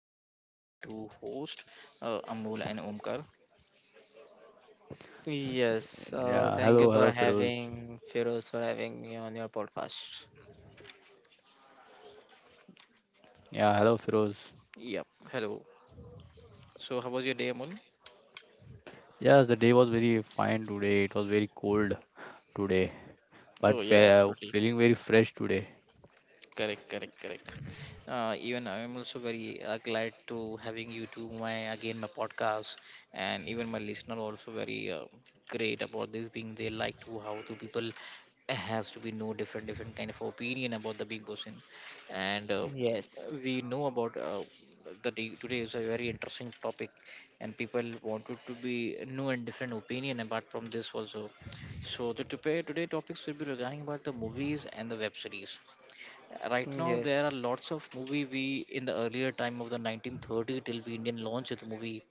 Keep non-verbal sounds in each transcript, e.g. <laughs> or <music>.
podcast with my two hosts, Amol and Omkar. Yes, Yeah, thank you hello, for Firoz. having Feroz for having me on your podcast. Yeah, hello, Firoz. Yep, hello. So how was your day, Amol? Yes, the day was very fine today. It was very cold today, but Oh yeah, absolutely. feeling very fresh today. Correct, correct, correct. Even I'm also very glad to having you to my again my podcast, and even my listener also very great about this being they like to how to people has to be no different different kind of opinion about the big boss in, and Yes, we know about the day today is a very interesting topic, and people wanted to be new and different opinion apart from this also. So the today today topics will be regarding about the movies and the web series. Right now there yes, are lots of movie we in the earlier time of the 1930 till we indian launched the movie,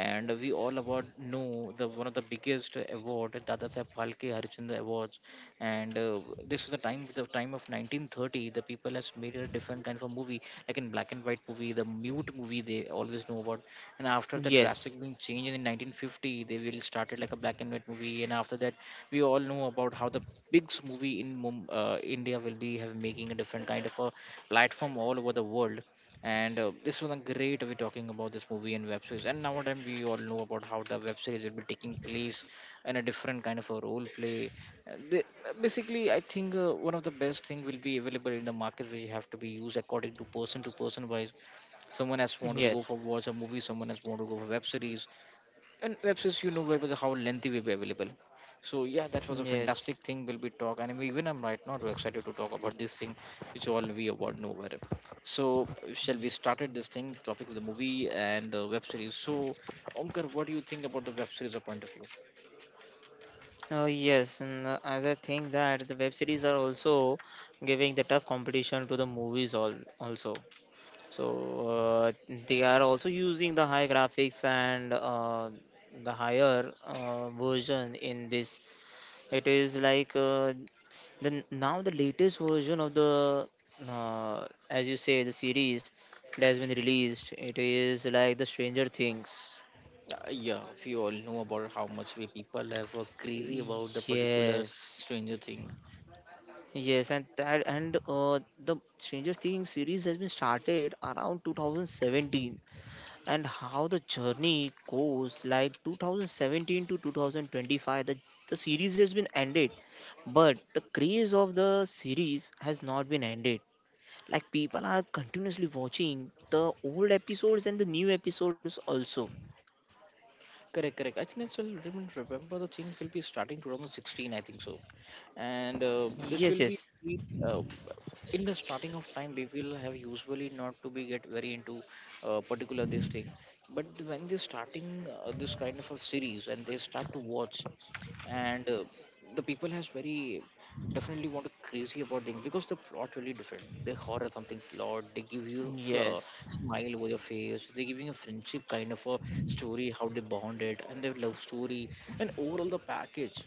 and we all about know the one of the biggest award Dada Saheb Phalke Harishchandra awards, and this was the time of 1930. The people has made a different kind of a movie like in black and white movie, the mute movie they always know about. And after the yes, drastic being changed in 1950, they will started like a black and white movie, and after that we all know about how the big movie in India will be have making a different kind of a platform all over the world. And this was a great way talking about this movie and web series. And nowadays we all know about how the web series will be taking place in a different kind of a role play. Uh, the- Basically, I think one of the best thing will be available in the market, which have to be used according to person wise. Someone has wanted to go yes, for watch a movie, someone has wanted to go for web series, and web series you know where was how lengthy will be available. So yeah, that was a yes. fantastic thing will be talk, and even I'm right now too excited to talk about this thing which all we about nowhere. So shall we started this thing topic of the movie and web series. So Omkar, what do you think about the web series or point of view? Yes, and as I think that the web series are also giving the tough competition to the movies all also. So they are also using the high graphics and the higher version in this. It is like the now the latest version of the as you say the series, it has been released. It is like the Stranger Things. Yeah, we all know about how much we people have crazy about the particular Yes. Stranger Thing. Yes, and that and the Stranger Things series has been started around 2017, and how the journey goes like 2017 to 2025, the series has been ended, but the craze of the series has not been ended. Like, people are continuously watching the old episodes and the new episodes also. Correct, correct. I think I still remember the thing will be starting 2016 I think so. And Yes, this will yes, be uh, in the starting of time we will have usually not to be get very into particular this thing. But when they starting this kind of a series and they start to watch, and the people has very definitely want to crazy about thing because the plot really different. They horror something plot, they give you a yes, smile over your face, they giving a friendship kind of a story how they bonded and their love story. And overall the package,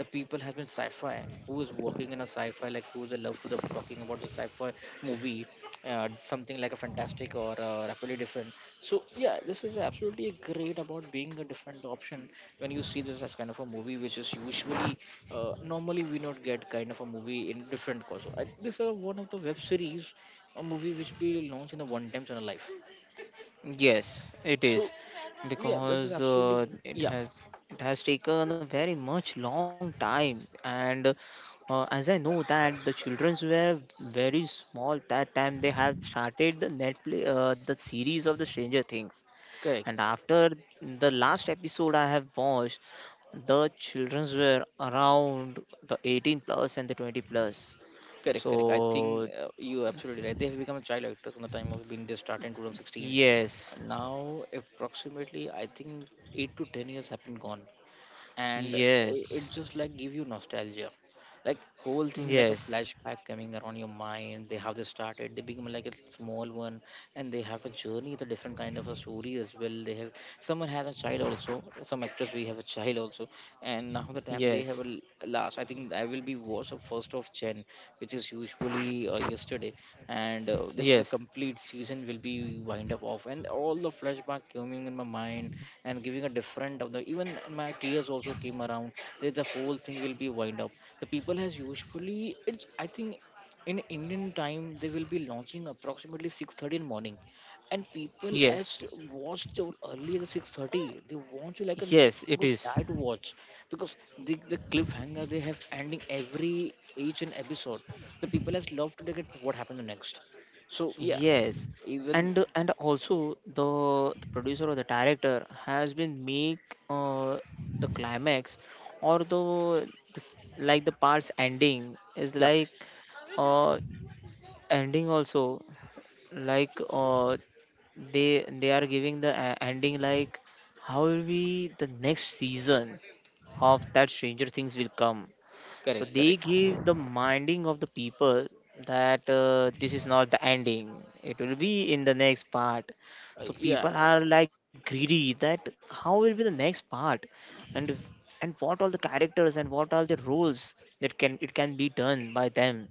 the people have been sci-fi, who is working in a sci-fi, like who's a love, who's a, talking about the sci-fi movie, something like a fantastic or rapidly different. So yeah, this is absolutely great about being a different option when you see this as kind of a movie which is usually normally we not get kind of a movie in different cause I, this is one of the web series, a movie which we launch in a one times in a life. yes, it So is, yeah, this is because absolutely it yeah has it has taken a very much long time, and as I know that the childrens were very small that time they have started the Netflix, the series of the Stranger Things. correct. And after the last episode I have watched, the childrens were around the 18 plus and the 20 plus. Correct, So, correct. I think you're absolutely right. They have become a child actors from the time of being they start in 2016. yes, Now, approximately, I think eight to ten years have been gone, and it yes, just like give you nostalgia, like whole thing like a yes, flashback coming around your mind. They how they started, they become like a small one, and they have a journey, the different kind of a story as well. They have someone has a child also, some actors we have a child also, and now the time they yes, have a last. I think I will be watched of 1st of Jan which is usually yesterday, and this is the yes, complete season will be wind up off, and all the flashback coming in my mind, and giving a different of the even my tears also came around that the whole thing will be wind up. The people has usually it's I think in indian time they will be launching approximately 6:30 in morning, and people as yes, watched early the 6:30 they want to like a, yes, want it to is. die to watch because the cliffhanger they have ending every each and episode. The people has love to get what happened next. So yeah, Yes, even and also the producer or the director has been make the climax or the the like the parts ending is yeah like, uh, ending also, like they are giving the ending, like how will be the next season of that Stranger Things will come. So correct they correct give the minding of the people that this is not the ending, it will be in the next part. So yeah. people are like greedy that how will be the next part, and and what all the characters and what all the roles that can it can be done by them.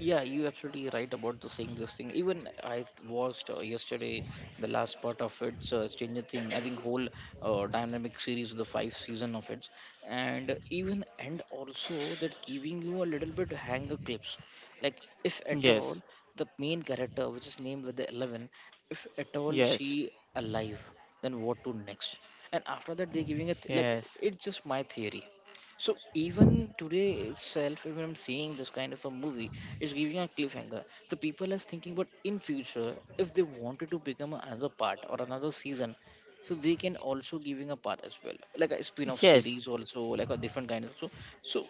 Yeah, you absolutely right about the saying this thing. Even I watched yesterday the last part of its Stranger Thing. I think whole dynamic series of the 5 season of it, and even and also that giving you a little bit hanger clips, like if at all Yes, the main character which is named with the 11, if at all yes. she alive, then what to next? And after that they're giving it like Yes, it's just my theory. So even today itself, even I'm seeing this kind of a movie, it's giving a cliffhanger. The people are thinking, but in future, if they wanted to become another part or another season, so they can also giving a part as well, like a spin-off yes, series also, like a different kind of. So, so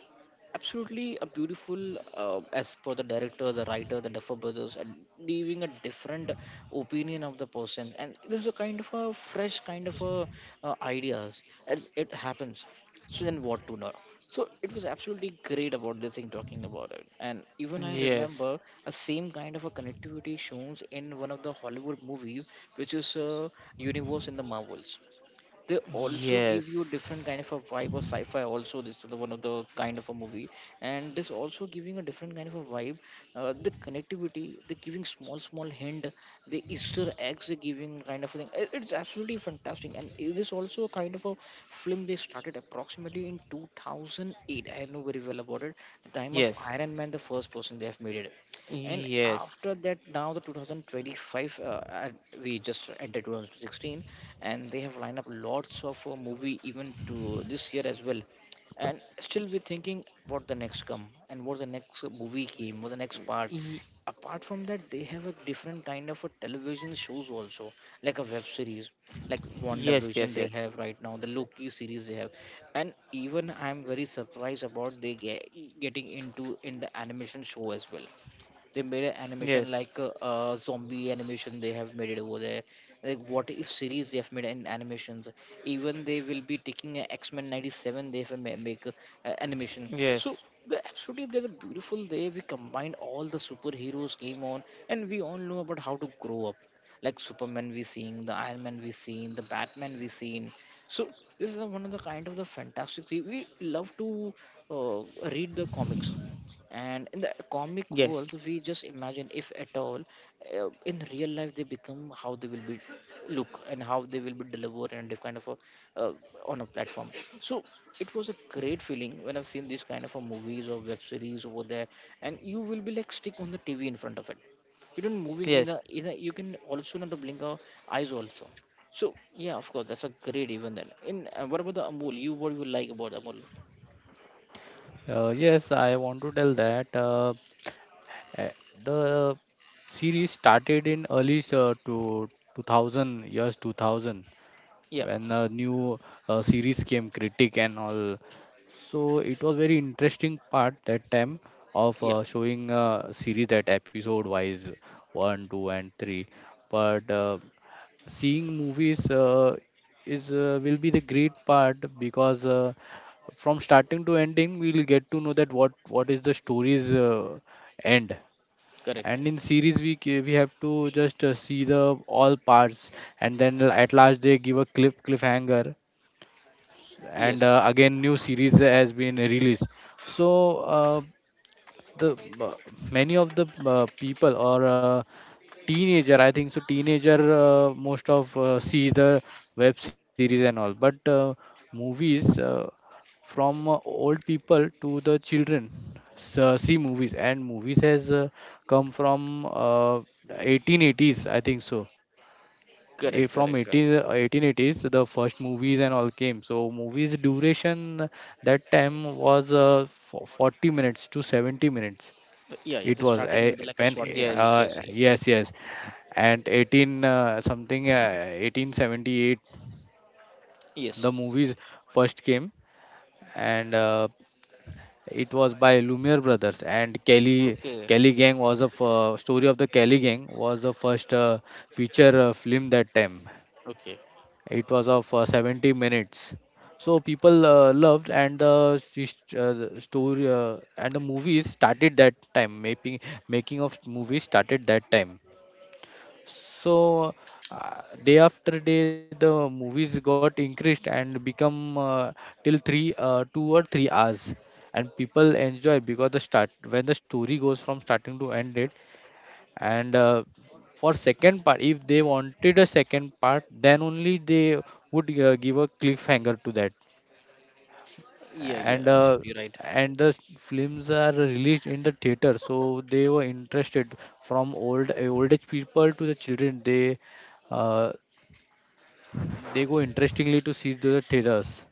absolutely a beautiful as per the director, the writer, the Duffer brothers, and leaving a different opinion of the person, and this is a kind of a fresh kind of a ideas as it happens. So then what to know. So it was absolutely great about this thing talking about it, and even I yes, remember a same kind of a connectivity shows in one of the Hollywood movies which is universe in the Marvels. They also give you different yes, kind of a vibe of sci-fi also. This is the one of the kind of a movie, and this also giving a different kind of a vibe. The connectivity they giving small small hint, the easter eggs they giving kind of a thing. It's absolutely fantastic, and it is also a kind of a film. They started approximately in 2008, I know very well about it, the time of yes, Iron Man, the first person they have made it. And yes, after that now the 2025 and we just entered 2016, and they have lined up lots of movie even to this year as well, and still we're thinking what the next come and what the next movie came what the next part. y- Apart from that they have a different kind of a television shows also, like a web series, like yes, yes, WandaVision yes, they have, right now the Loki series they have. And even I'm very surprised about they get, getting into in the animation show as well. They made an animation like yes, zombie animation they have made it over there, like what if series they have made in animations. Even they will be taking X x-men 97 they have make animation. yes, yes, So yes, the absolutely there's a beautiful day we combine all the superheroes came on, and we all know about how to grow up, like Superman we seen, the Iron Man we seen, the Batman we seen. So this is one of the kind of the fantastic thing we love to uh, read the comics, and in the comic yes, world we just imagine if at all in real life they become how they will be look and how they will be delivered and the kind of a uh, on a platform. So it was a great feeling when I've seen these kind of a movies or web series over there, and you will be like stick on the TV in front of it. You don't moving in the in the, you can also not blink our eyes also. So yeah, of course, that's a great event. Then in what about the Amul, you what you like about Amul? Yes, I want to tell that eh, the series started in early to 2000 years 2000 Yeah, when a new series came, Critic and all. So it was very interesting part that time of yeah, showing series that episode wise one, two, and three. But seeing movies is will be the great part because from starting to ending we'll get to know that what is the story's end. correct, And in series we have to just see the all parts, and then at last they give a cliffhanger, and yes. Again new series has been released. So uh, the many of the people or teenager I think so teenager most of see the web series and all. But movies, from old people to the children, see movies, and movies has come from 1880s, I think so. Correct, From correct, 18, correct. uh, 1880s the first movies and all came. So movies duration that time was 40 minutes to 70 minutes. But yeah, yeah. It They're was starting a with like a when short movie. yes, Yes, yes, yes, yes, and 18 uh, something uh, 1878 yes. the movies first came, and it was by Lumiere brothers. And Kelly Okay, Kelly Gang was a f- story of the Kelly Gang was the first feature film that time. okay. It was of 70 minutes. So people loved, and the the story and the movies started that time, making of movies started that time. So day after day, the movies got increased and become till 2 or 3 hours, and people enjoy because the start when the story goes from starting to end it. And for second part, if they wanted a second part, then only they would give a cliffhanger to that, Yeah, yeah. and uh, Absolutely right. and the films are released in the theater, so they were interested from old age people to the children. Uh, They go interestingly to see the traders.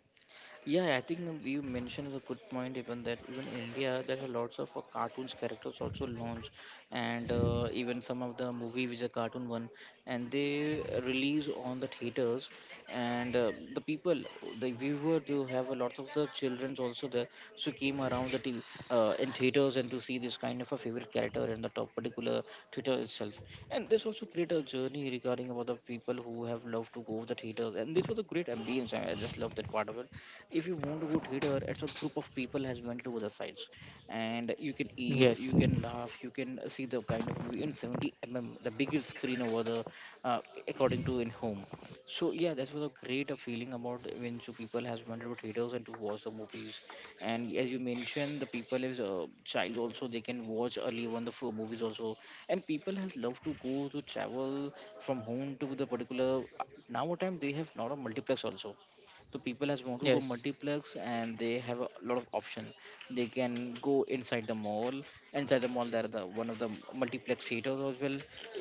Yeah, I think you mentioned is a good point. Even that, even in India, there are lots of cartoons characters also launch, and even some of the movie which is a cartoon one, and they release on the theaters, and the people, the viewer, they have a lot of the childrens also there, so came around the TV, in theaters and to see this kind of a favorite character in the top particular theater itself, and this also create a journey regarding about the people who have loved to go to the theaters, and this was a great ambience. I just love that part of it. If you want to go theater, it's a group of people has went to other sides, and you can eat, you can laugh, you can see the kind of movie in 70 mm, the biggest screen over the uh, according to in home. So yeah, that was a great feeling about when two people has went to theaters and to watch the movies, and as you mentioned, the people is a child also, they can watch early on the movies also, and people has love to go to travel from home to the particular. Now time, they have not a multiplex also, so people has want to go yes. multiplex and they have a lot of option. They can go inside the mall. Inside the mall there are the one of the multiplex theaters as well.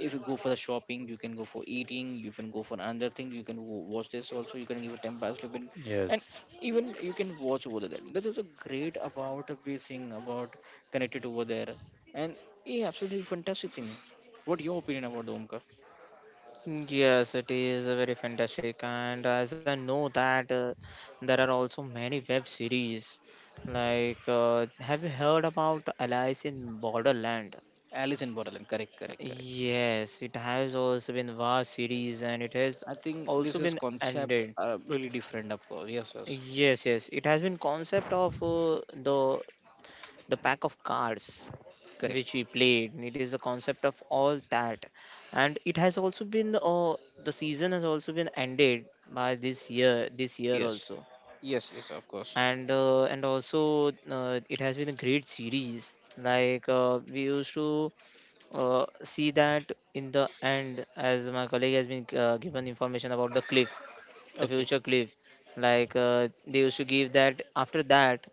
If you go for the shopping, you can go for eating, you can go for another thing, you can go watch this also, you can give a temple slip in. And Yes. even you can watch over there. That is a great about this thing about connected over there. And yeah, absolutely fantastic thing. What your opinion about the omka? Yes, it is very fantastic, and as I know that there are also many web series. Like, have you heard about Alice in Borderland? Alice in Borderland, correct, correct, correct. Yes, it has also been vast series and it has I think also this is been concept ended. Really different, of course. Yes, yes, Yes, yes, it has been concept of the pack of cards correct. which we played. It is the concept of all that, and it has also been the season has also been ended by this year. This year Yes, also, yes, yes, of course. And also it has been a great series. Like we used to see that in the end, as my colleague has been given information about the cliff, the Okay, future cliff, like they used to give that after that,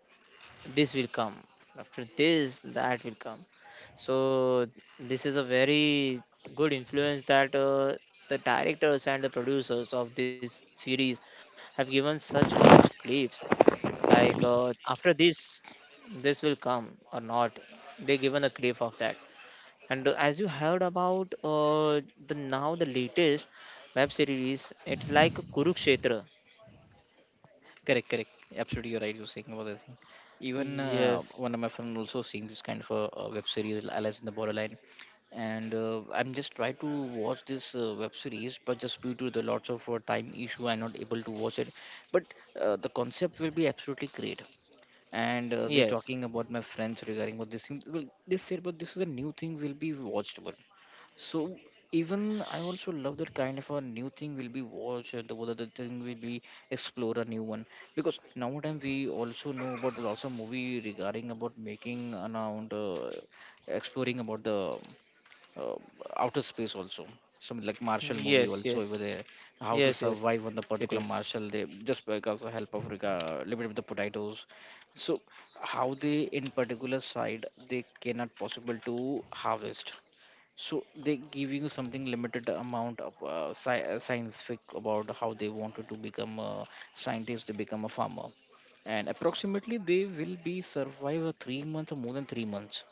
this will come, after this, that will come. So, this is a very good influence that the directors and the producers of this series have given such much clips, like after this, this will come or not. They given a clip of that. And as you heard about the now the latest web series, it's like Kurukshetra. correct, correct. Absolutely, you're right. You're saying about the thing. Even Yes, one of my friend also seeing this kind of a, web series, Alice in the Borderline, and I'm just try to watch this web series, but just due to the lots of time issue, I'm not able to watch it. But the concept will be absolutely great, and they're yes, talking about my friends regarding what this thing well they said, but this is a new thing will be watchable. So even I also love that kind of a new thing will be watched, and the other thing will be explore a new one, because nowadays we also know about the lots of movie regarding about making around exploring about the uh, outer space also. Some like Marshall movie yes, also over yes, there, how to yes, yes. It survive on the particular Marshall. They just because the help of little bit of the potatoes. So how they in particular side they cannot possible to harvest, so they give you something limited amount of scientific about how they wanted to become a scientist, to become a farmer, and approximately they will be survive a 3 months or more than 3 months.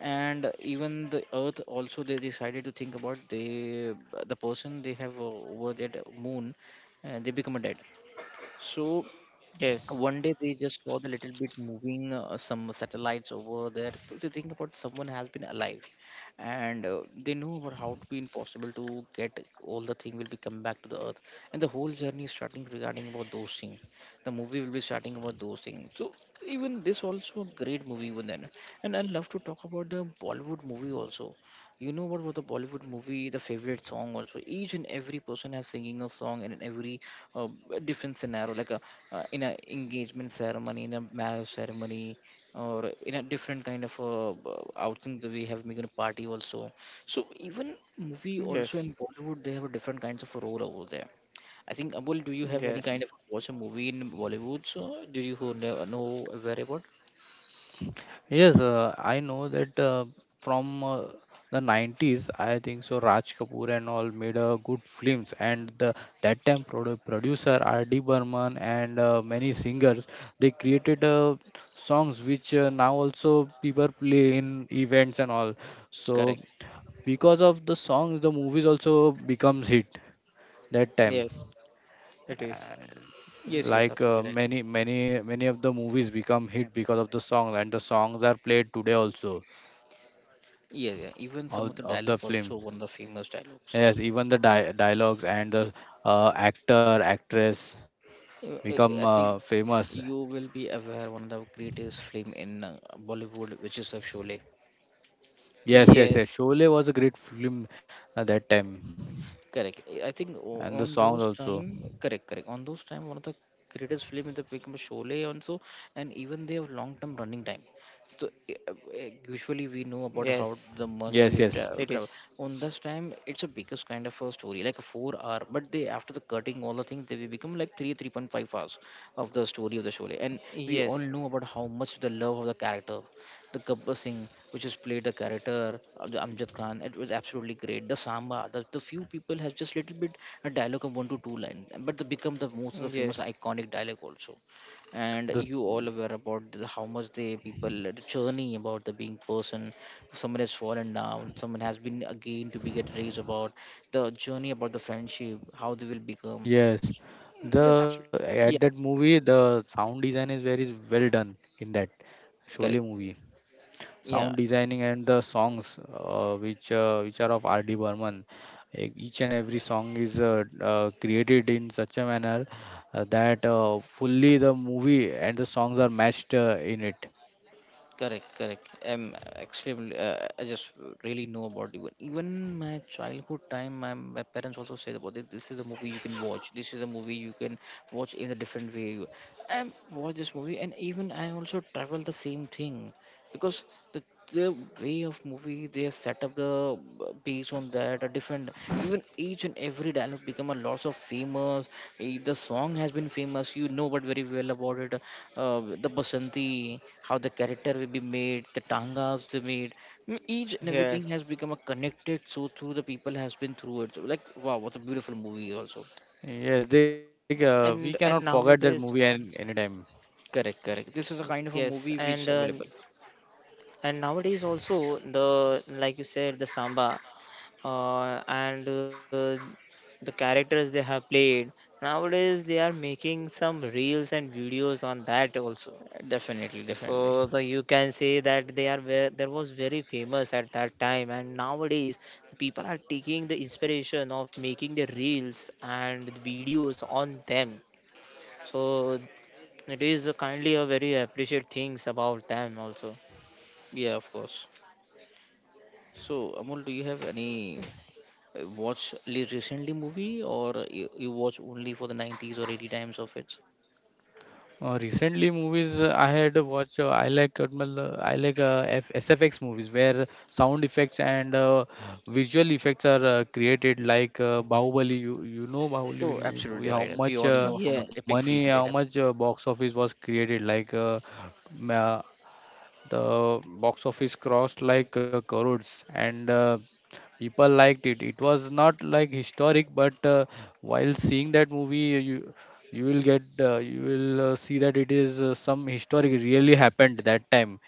And even the Earth also they decided to think about they the person they have over that moon, they become a dead. So is. one day they just saw the little bit moving some satellites over there, so they think about someone has been alive, and they know about how to be impossible to get all the thing will be come back to the earth, and the whole journey is starting regarding about those things. The movie will be starting about those things. So even this also a great movie even then, and I love to talk about the Bollywood movie also. You know what was the Bollywood movie, the favorite song also. Each and every person has singing a song and in every uh, different scenario, like a, in a engagement ceremony, in a marriage ceremony, or in a different kind of outing that we have making a party also. So even movie Yes, also in Bollywood, they have a different kinds of role over there. I think Abul, do you have any yes, kind of watch a movie in Bollywood? So do you who know very about? Yes, I know that from the 90s, I think so. Raj Kapoor and all made good films, and the that time producer R.D. Burman and many singers, they created songs which now also people play in events and all. So Correct. because of the songs, the movies also becomes hit that yes, time. yes. It is. Uh, Yes, yes, like uh, absolutely right. many many many of the movies become hit because of the song, and the songs are played today also, Yeah, yeah. Even some of, of the of the dialogue film. also one of the famous dialogues. Yes, even the dialogues and the actor actress Uh, become I I think famous. you will be aware one of the greatest film in Bollywood, which is a Sholay. Yes, Yes, yes, yes, Sholay was a great film at that time, Correct. I think and the on songs those also. time, correct, correct. On those time, one of the greatest film in the become Sholay also, and even they have long term running time. So eh, uh, yes. usually we know yes about how It yes the is. months we travel. On this time, it's a biggest kind of a story, like a 4 hour. But they after the cutting all the things, they will become like 3.5 hours of the story of the Sholay. Yes, And we all know about how much the love of the character the Gabbar Singh, which has played the character of the Amjad Khan, it was absolutely great. The Samba, the few people have just little bit a dialogue of one to two lines, but they become the most of the yes, famous iconic dialogue also. And you the all aware about the, how much the people the journey about the being person, someone has fallen down, someone has been again to be get raised about the journey about the friendship, how they will become. yes That's the absolutely At yeah, that movie the sound design is very well done in that correct. Sholay movie. Yeah, Sound designing and the songs which are of RD Burman, each and every song is created in such a manner that fully the movie and the songs are matched in it. correct, correct. I'm extremely. I just really know about even my childhood time. My parents also said about this. This is a movie you can watch. This is a movie you can watch in a different way. I watch this movie, and even I also travel the same thing, because the, the way of movie they have set up the based on that a different, even each and every dialogue become a lots of famous. Eh, the song has been famous, you know, but very well about it. The basanti, how the character will be made, the tangas they made. Mm, each and everything has yes. become a connected, so through the people has been through it, so like wow, what a beautiful movie also. Yes, they And and we cannot nowadays, forget al- that movie anytime. Correct, correct, this is a kind yes, of a movie which available. and nowadays also, the like you said, the samba. and the characters they have played nowadays, they are making some reels and videos on that also. Definitely, So, definitely. the, you can say that they are where there was very famous at that time, and nowadays the people are taking the inspiration of making the reels and the videos on them. So, it is a kindly a very appreciate things about them also. Yeah, of course. So, Amol, do you have any watch recently movie, or you watch only for the 90s or 80s times of it? Recently, movies I had watched. I like , uh, I like F SFX movies where sound effects and visual effects are created. Like Bahubali, you know Oh, Bahubali absolutely movie. How right. We all much know how much epic money? film Yes. they How have. much box office was created? Like the box office crossed like crores, and people liked it. It was not like historic, but while seeing that movie, you will get you will see that it is some historic really happened that time.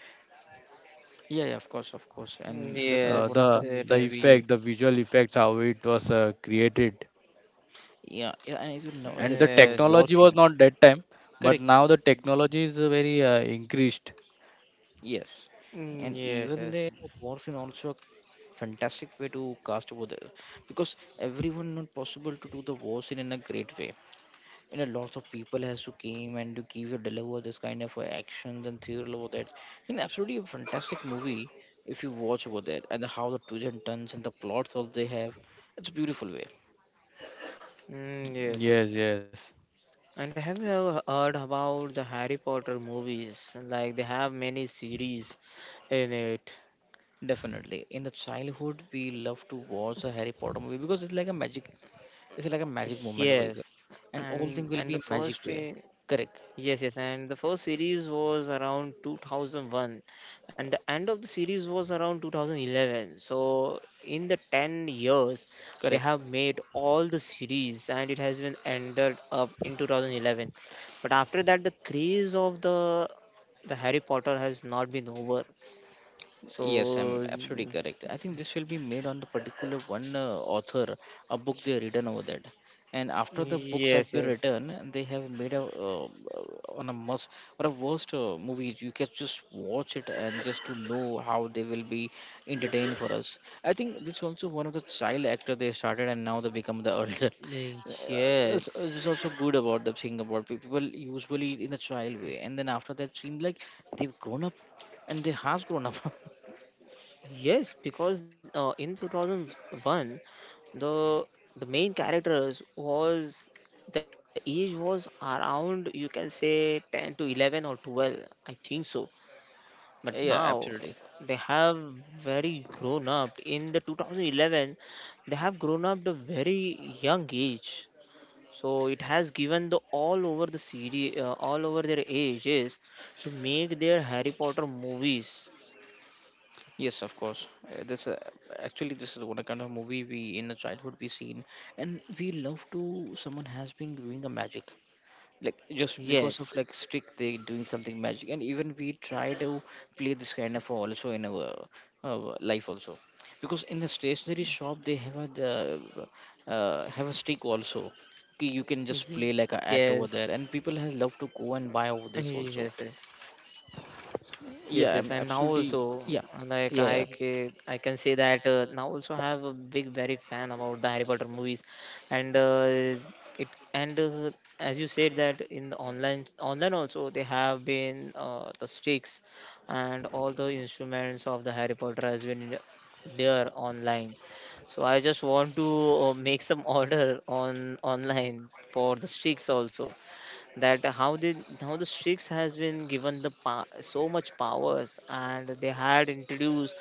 Yeah, yeah, of course, of course. And this is Uh, one of the Yes, the it the movie is. we, effect, the visual effects, how it was created, yeah, yeah, I even know and the the Yes, war technology yes. was scene. not that time, but Correct. now the technology is very increased. Yes. And Mm, yes, even the yes. war scene also a fantastic way to cast over there, because everyone not possible to do the war scene in a great way. You know, lots of people has to came and to give or deliver this kind of actions and theory about that. And absolutely a fantastic movie if you watch about that, and how the twists and turns and the plots all they have, it's a beautiful way. Mm, yes, yes. Yes, yes, And have you ever heard about the Harry Potter movies? Like, they have many series in it. Definitely in the childhood we love to watch a Harry Potter movie, because it's like a magic, it's like a magic moment over, Yes. and all thing will And be the a magic first way. Correct, Yes, yes, and the first series was around 2001, and the end of the series was around 2011. So, in the 10 years, they correct. have made all the series, and it has been ended up in 2011. But after that, the craze of the Harry Potter has not been over. Yes, I'm So, absolutely correct. I think this will be made on the particular one author, a book they written over that. And after the books has yes, been yes, written, they have made a on a must or a worst movie. You can just watch it and just to know how they will be entertained for us. I think this also one of the child actor they started and now they become the <laughs> elder. Uh, it's yes. Also good about the thing about people usually in a child way, and then after that seems like they've grown up and they has grown up. <laughs> Yes, because in 2001, the the main characters was the age was around, you can say, 10 to 11 or 12, I think so. But now Yeah, absolutely. they have very grown up. In the 2011, they have grown up the very young age. So it has given the all over the series, all over their ages, to make their Harry Potter movies. Yes, of course. This actually this is what a kind of movie we in the childhood we seen, and we love to someone has been doing a magic, like just because Yes, of like stick they doing something magic, and even we try to play this kind of also in our life also, because in the stationery shop they have a have a stick also. You can just play like an act yes. over there, and people has love to go and buy over Yes, this yes, also. yes, yes. And now Yeah, I'm also, absolutely yeah. like, I Yeah, yeah. can, I can say that now also I have a big, very fan about the Harry Potter movies, and it, and as you said that in the online also, they have been the sticks and all the instruments of the Harry Potter has been there online. So I just want to make some <laughs> order on online for the sticks also, that how they, how the Sikhs has been given the so much powers, and they had introduced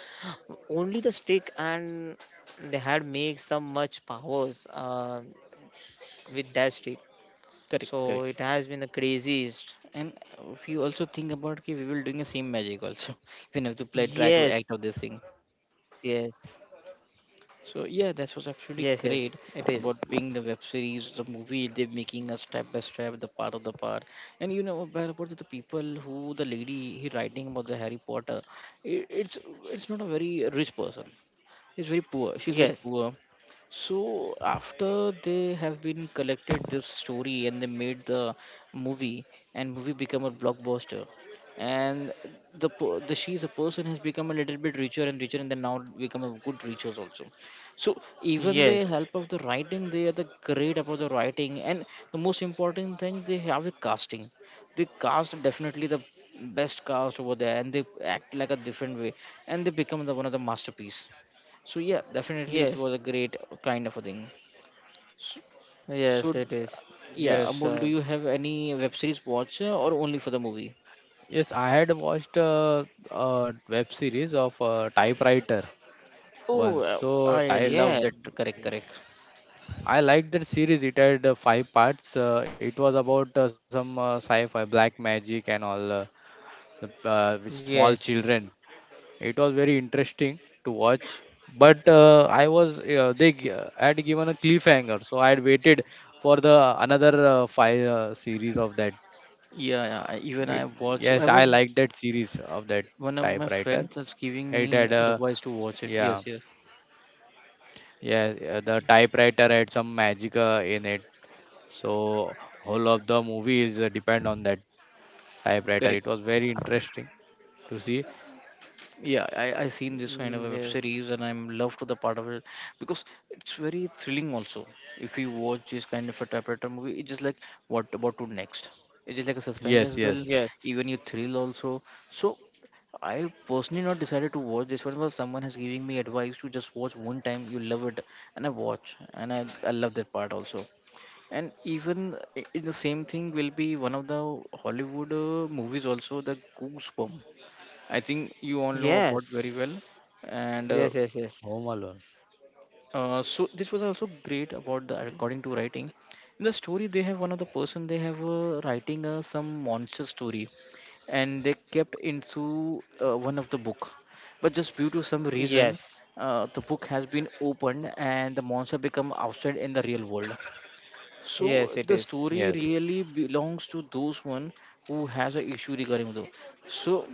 only the stick and they had made some much powers with that stick. Correct, So correct. it has been the craziest. And if you also think about it, we will doing the same magic also. <laughs> We have to play, try to Yes, act of yes, this thing. So yes, yeah, that yes, was it absolutely is. great about being the web series, the movie they're making a step by step, the part of the part. And you know about the people who the lady he writing about the Harry Potter. It, it's it's not a very rich person. Is very poor. She's Yes, very poor. So after they have been collected this story and they made the movie, and movie become a blockbuster, and the she's a person has become a little bit richer and richer, and then now become a good richers also. So even the yes, help of the writing, they are the great about the writing, and the most important thing they have a casting. They cast definitely the best cast over there, and they act like a different way, and they become the one of the masterpiece. So yeah, definitely it was a yes, great kind of a thing. So, so yes, it uh, is. yeah, yes. Amol, do Sure. you have any web series watch or only for the movie? Yes, I had watched a web series of typewriter Oh, once. uh, I love Yeah, that. Correct, correct. I liked that series. It had 5 parts. It was about some sci-fi, black magic, and all with small yes, children. It was very interesting to watch. But I was they gi- had given a cliffhanger, so I had waited for the another five series of that. Yeah, yeah, even It, I watch. yes, I I was liked that series of that one of my typewriter. friends was giving It me had a advice to watch it. Yeah, Yes, yes, yeah, the typewriter had some magic in it. So whole of the movie is depend on that typewriter. correct. It was very interesting to see. Yeah, I seen this kind of a web yes, series and I'm loved to the part of it because it's very thrilling also. If you watch this kind of a typewriter movie, it's just like what about to next? It is like a suspense Yes, as yes, well, yes, yes, even you thrill also. So I personally not decided to watch this one because someone has giving me advice to just watch one time. You love it, and I watch, and I love that part also. And even in the same thing will be one of the Hollywood movies also the Goosebump. I think you all know about very well. yes, And yes, yes, yes. Home Alone. So this was also great about the according to writing. In the story, they have one of the person they have writing some monster story, and they kept into one of the book. But just due to some reason, Yes, the book has been opened and the monster become outside in the real world. So yes, it the is. story Yes, really belongs to those one who has a issue regarding those. So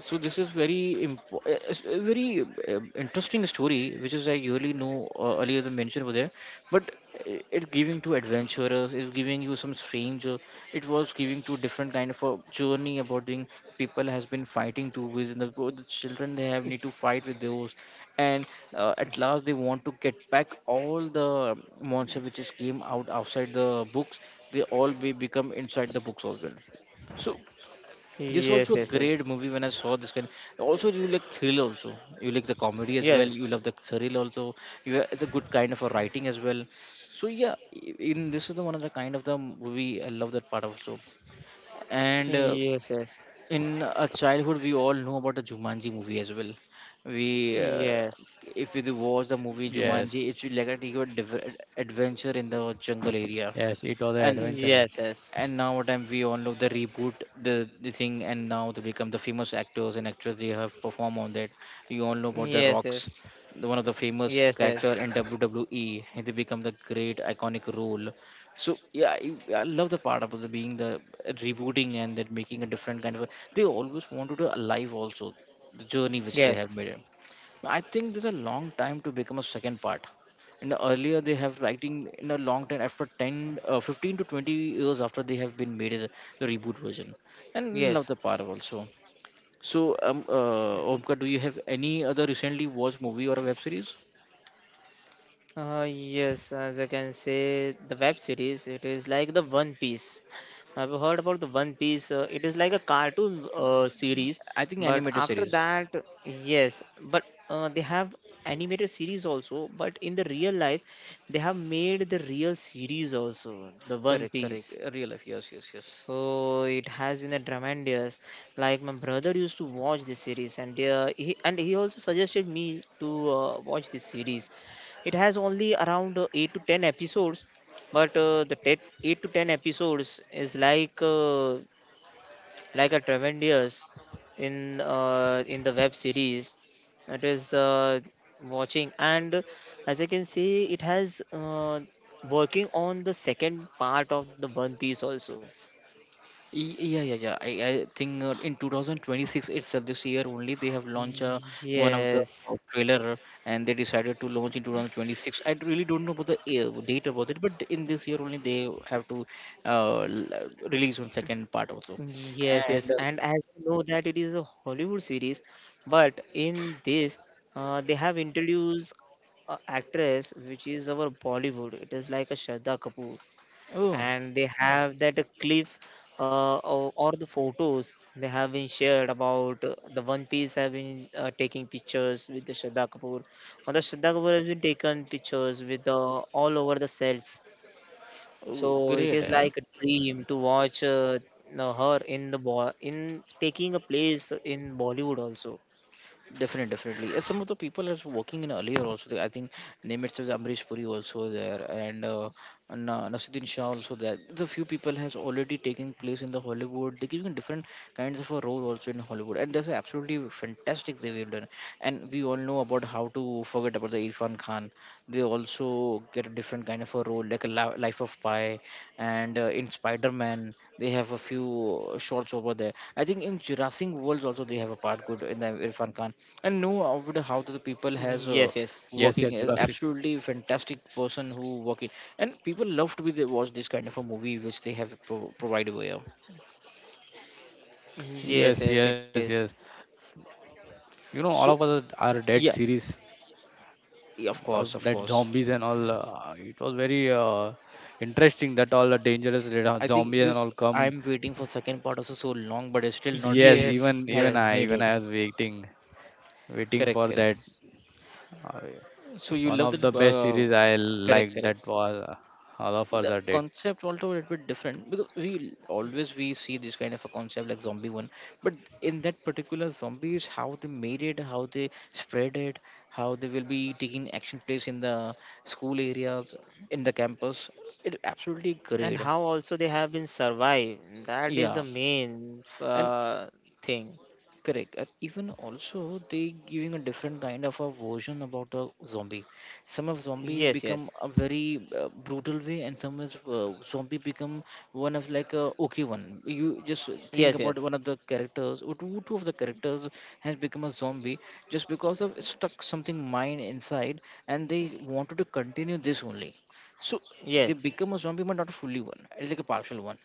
so this is very impo- very interesting story which is I really know earlier the mention over there, but it giving to adventurers, it's giving you some stranger, it was giving to different kind of a journey about the people has been fighting to with the, both the children they have need to fight with those, and at last they want to get back all the monster which is came out outside the books, they all be become inside the books as well. So this Yes, also yes, a yes, great movie when I saw this kind. Also, you like thrill also. You like the comedy as well. yes, You love the thrill also. It's a good kind of a writing as well. So yeah, in this is the one of the kind of the movie I love that part also. And yes, In a childhood, we all know about the Jumanji movie as well. We yes, If you watch the movie yes, Jumanji, it's like a take your adventure in the jungle area, yes. It was an yes, and yes, adventure. yes, yes, and now what time we all know the reboot, the thing, and now they become the famous actors and actresses they have performed on that. You all know about the rocks, the one of the famous yes, character yes, in wwe, and they become the great iconic role. So yeah, I love the part about the being the rebooting and that making a different kind of a, they always wanted to alive also the journey which they yes, have yes, made. I think there's a long time to become a second part. In the earlier, they have writing in a long time after 10, 15 to 20 years after they have been made as the reboot version. yes. And love the part also. So, Omkar, do you have any other recently watched movie or a web series? Yes, as I can say, the web series, it is like the One Piece. Have you heard about the One Piece? It is like a cartoon series, I think but animated after series. that, yes, but they have animated series also. But in the real life, they have made the real series also, the One Correct, correct. Piece. Real life, yes, yes, yes. So it has been a tremendous. Like, my brother used to watch this series, and he and he also suggested me to watch this series. It has only around eight to ten episodes, but eight to ten episodes is like, like a tremendous in the web series that is watching. And as I can see, it has working on the second part of the One Piece also. Yeah, yeah, yeah. I think in 2026 itself, this year only, they have launched one of the Yes, trailer, and they decided to launch in 2026. I really don't know about the date about it, but in this year only, they have to release one second part also. yes, And yes. uh, And as you know that it is a Hollywood series, but in this, they have introduced a actress which is our Bollywood. It is like a Shraddha Kapoor, oh, and they have that clip, or the photos they have been shared about the One Piece have been taking pictures with the Shraddha Kapoor, or the Shraddha Kapoor has been taken pictures with the all over the sets. oh, So it great, is yeah. like a dream to watch her in the bo in taking a place in Bollywood also. Definitely, definitely. And some of the people are working in earlier also. I think name itself is Amrish Puri also there, and Nasuddin Shah also there. The few people has already taken place in the Hollywood. They're giving different kinds of a role also in Hollywood, and that's absolutely fantastic they have done. And we all know about how to forget about the Irfan Khan. They also get a different kind of a role, like a Life of Pi, and in Spider Man they have a few shorts over there. I think in Jurassic Worlds also they have a part good in the Irfan Khan, and know of Yes, the how yes. the Yes, people yes, has Jurassic. Working is absolutely fantastic person who working, and people love to be they watch this kind of a movie which they have provided over here. Yes, Yes, yes, it yes, is. yes. You know, All of Us So Are Dead series yeah, of yeah, of that course, of zombies and course. all. It was very interesting that all the dangerous I zombies think and all this come. I'm waiting for second part also so long, but it's still not Yes, be Yes, even yes. even have I made even it. I was waiting, waiting Correct, for correct. that. Uh, So you One love of that. the best series I Correct, like correct. that was All of Us The Are Dead. concept also a little bit different because we always we see this kind of a concept like zombie one, but in that particular zombies how they made it, how they spread it, how they will be taking action place in the school areas, in the campus, it absolutely And great. how also they have been survived. That is the Yeah, main and thing. correct. And even also they giving a different kind of a version about the zombie. Some of zombie Yes, become yes. a very brutal way, and some is zombie become one of like a okay one. You just think Yes, about yes. one of the characters or two of the characters has become a zombie just because of stuck something mind inside, and they wanted to continue this only. So they Yes. become a zombie, but not fully one. It's like a partial one.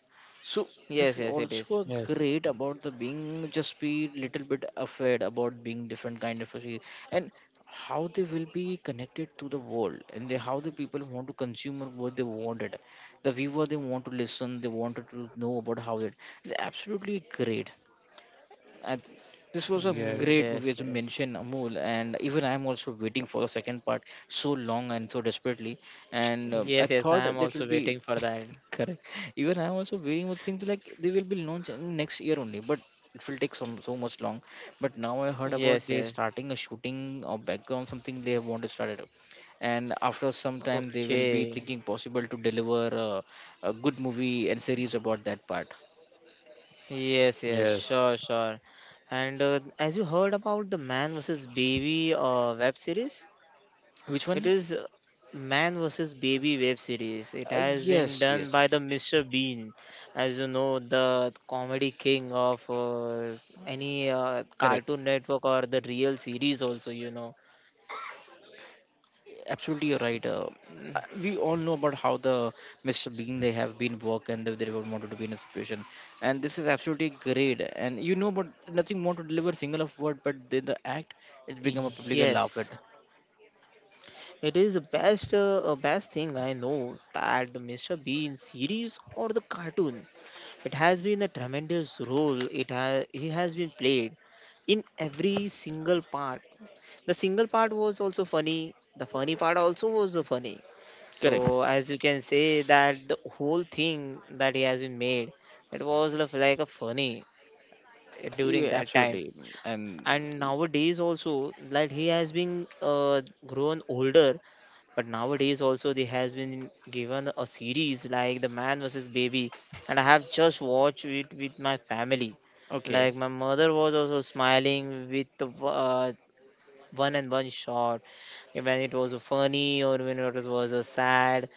So this Yes, is yes, it is. also Yes, great about the being just be little bit afraid about being different kind of a and how they will be connected to the world, and they, how the people want to consume what they wanted. The viewer they want to listen, they wanted to know about how it is absolutely great. I, th- this was a Mm, yes, great movie yes, as you yes. mentioned amul, and even I'm also waiting for the second part so long and so desperately, and I Yes, yes. thought I am that also will be waiting for that. <laughs> correct. Even I'm also waiting with things like they will be launched in next year only, but it will take some so much long, but now I heard Yes, about they yes. starting a shooting or background something they want to start it up, and after some time they will be Okay. thinking possible to deliver a good movie and series about that part. yes, Yes, yes, yes, sure, sure. And as you heard about the Man vs. Baby web series, Which it one? is Man vs. Baby web series. It uh, has been yes, done yes, by yes. the Mr. Bean, as you know, the comedy king of any Correct, Cartoon Network or the real series, also, you know. absolutely you're right. We all know about how the mr bean they have been work, and they were wanted to be in a situation, and this is absolutely great, and you know but nothing want to deliver single of word, but the act it's become a public laugh at. Yes, it is the best, best thing I know, that the Mr. Bean series or the cartoon. It has been a tremendous role, it has he has been played in every single part. The single part was also funny. The funny part also was the funny. Correct, So, as you can say, that the whole thing that he has been made, it was, like, a funny during yeah, that time. absolutely. And And nowadays also, like, he has been grown older, but nowadays also they has been given a series like the Man versus Baby, and I have just watched it with my family. okay. Like, my mother was also smiling with the one and one shot, when it was funny or when it was sad.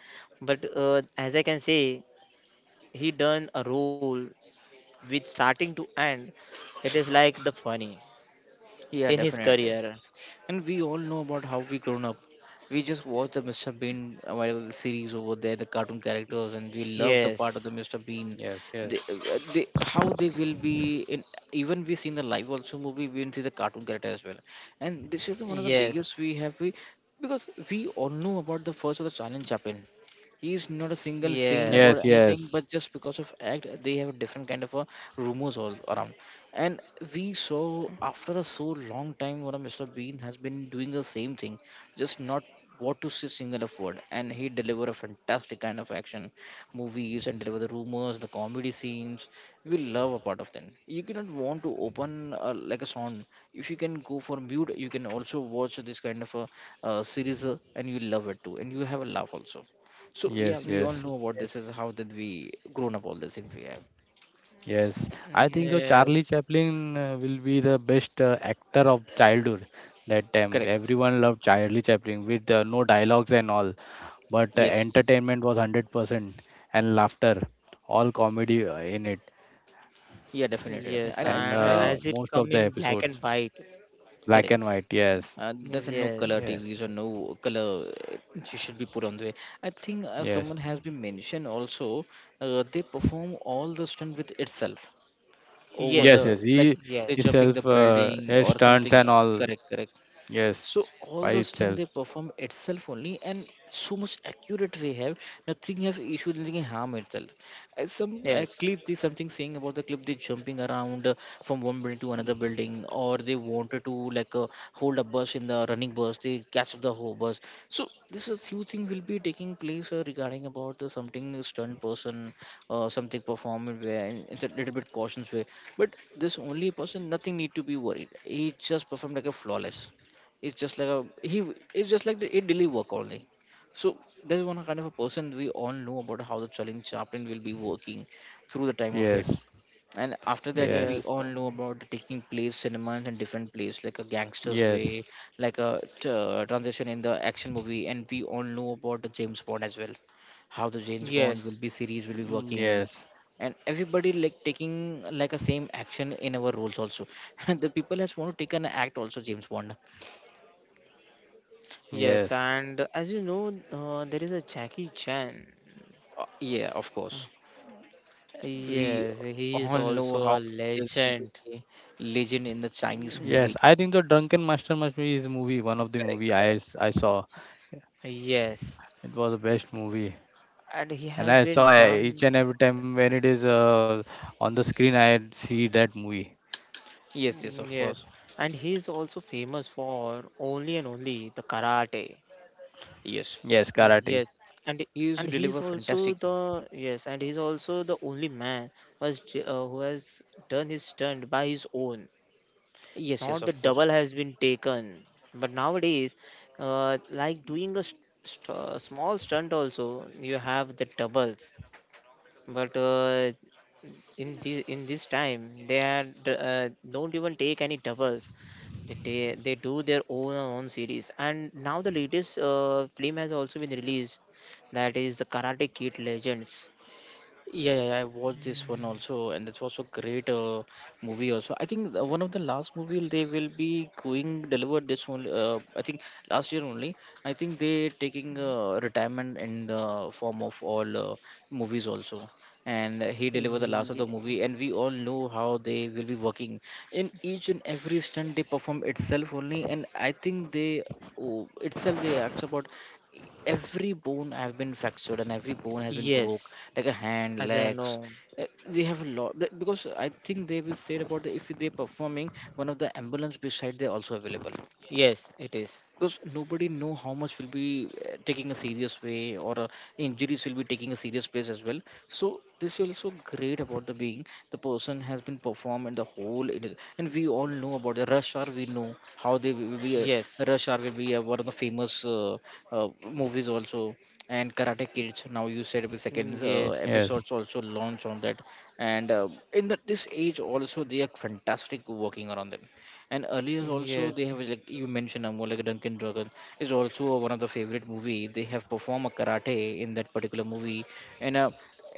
But, as I can say, he done a role with starting to end. It is like the funny Yeah, in his definitely. career. And we all know about how we grown up. We just watch the Mr. Bean whatever series over there, the cartoon characters, and we love the part of Yes, the Mr. Bean. yes, yes, They how they will be in, even we seen the live also movie, we didn't see the cartoon character as well. And this is one of the yes, biggest we, because we all know about the first of the challenge Chaplin, he is not a single saying about yes. anything, yes, but just because of act they have a different kind of a rumors all around. And we saw after a so long time what a mr bean has been doing the same thing, just not what to say single of word, and he deliver a fantastic kind of action movies, and deliver the rumors the comedy scenes. We love a part of them. You cannot want to open like a song. If you can go for mute, you can also watch this kind of a series, and you love it too, and you have a laugh also. So yeah, we yes, Mm, all know yes, what this is yes. how did we grown up all these things we have. yes. Mm, I think so, yes, Charlie Chaplin will be the best actor of childhood. That time, Correct, everyone loved Charlie Chaplin with no dialogues and all, but yes. entertainment was 100% and laughter, all comedy in it. Yeah, definitely. yes, Definitely. And and I as it most come of the in black and episodes white. black correct. and white, yes. There's a no color Yes, Yeah. TVs or no color you should be put on the way. I think yes someone has been mentioned also. They perform all the stunt with itself over the yes, yes, yes, like he they yes, jumping the himself, building yes, or stunts something. and all, Correct, correct. yes, So all by the stunt itself. they perform itself only, and so much accurate we have. Nothing have issue, nothing harm itself. As some a yes, clip, they something saying about the clip. They jumping around from one building to another building, or they wanted to like hold a bus in the running bus. They catch up the whole bus. So this is few thing will be taking place regarding about the something stunt person, something performance where it's a little bit cautions way. But this only person, nothing need to be worried. He just performed like a flawless. It's just like a he. It's just like the, it daily work only. So there is one kind of a person we all know about how the challenge chaplain will be working through the time of yes it. And after that, yes we yes, all know about the taking place cinemas and different place like a gangster's yes way, like a transition in the action movie, and we all know about the James Bond as well, how the James Bond will yes, be series will be mm, working, yes and everybody like taking like a same action in our roles also. <laughs> The people has want to take an act also James Bond. yes, Yes, and as you know, there is a Jackie Chan. Yeah, of course. We Yes, he is all know also how a there will be legend. a legend in the Chinese movie. yes, I think the Drunken Master must be his movie, one of the Correct, movie I correct. s- I saw. Yes, It was the best movie, and he and I has saw been each and done. every time when it is on the screen, I see that movie. Yes, yes, Mm, of yes, course. and he is also famous for only and only the karate. Yes. Yes, Mm, karate. yes, and He used to deliver he's also fantastic. the, yes, and he's also the only man who has who has done his stunt by his own. Yes, yes, Not the of course. double has been taken, but nowadays, like doing a small stunt also, you have the doubles. But in the in this time, they had don't even take any doubles. They do their own series, and now the latest film has also been released. That is the Karate Kid Legends. Yeah, yeah, yeah, I watched this one also, and this was a great movie also. I think one of the last movie they will be going deliver this one. I think last year only. I think they taking retirement in the form of all movies also. And he delivered the last of Ye- the movie and we all know how they will be working in each and every stunt they perform itself only and I think they oh, itself they acts about every bone have been fractured and every bone has been broke yes, like a hand as I legs. know, Uh, they have a lot because I think they will said about the, if they performing one of the ambulance beside they also available yes, it is. because nobody know how much will be taking a serious way or injuries will be taking a serious place as well. So this is also great about the being the person has been performed in the whole it is, and we all know about the rush hour, we know how they will be Yes, rush hour will be one of the famous movies also. And karate kids now you said the mm, second yes, episodes Yes, also launch on that. And in the, this age also they are fantastic working around them, and earlier also they yes, have like you mentioned like Duncan Jogan is also one of the favorite movie. They have performed a karate in that particular movie, and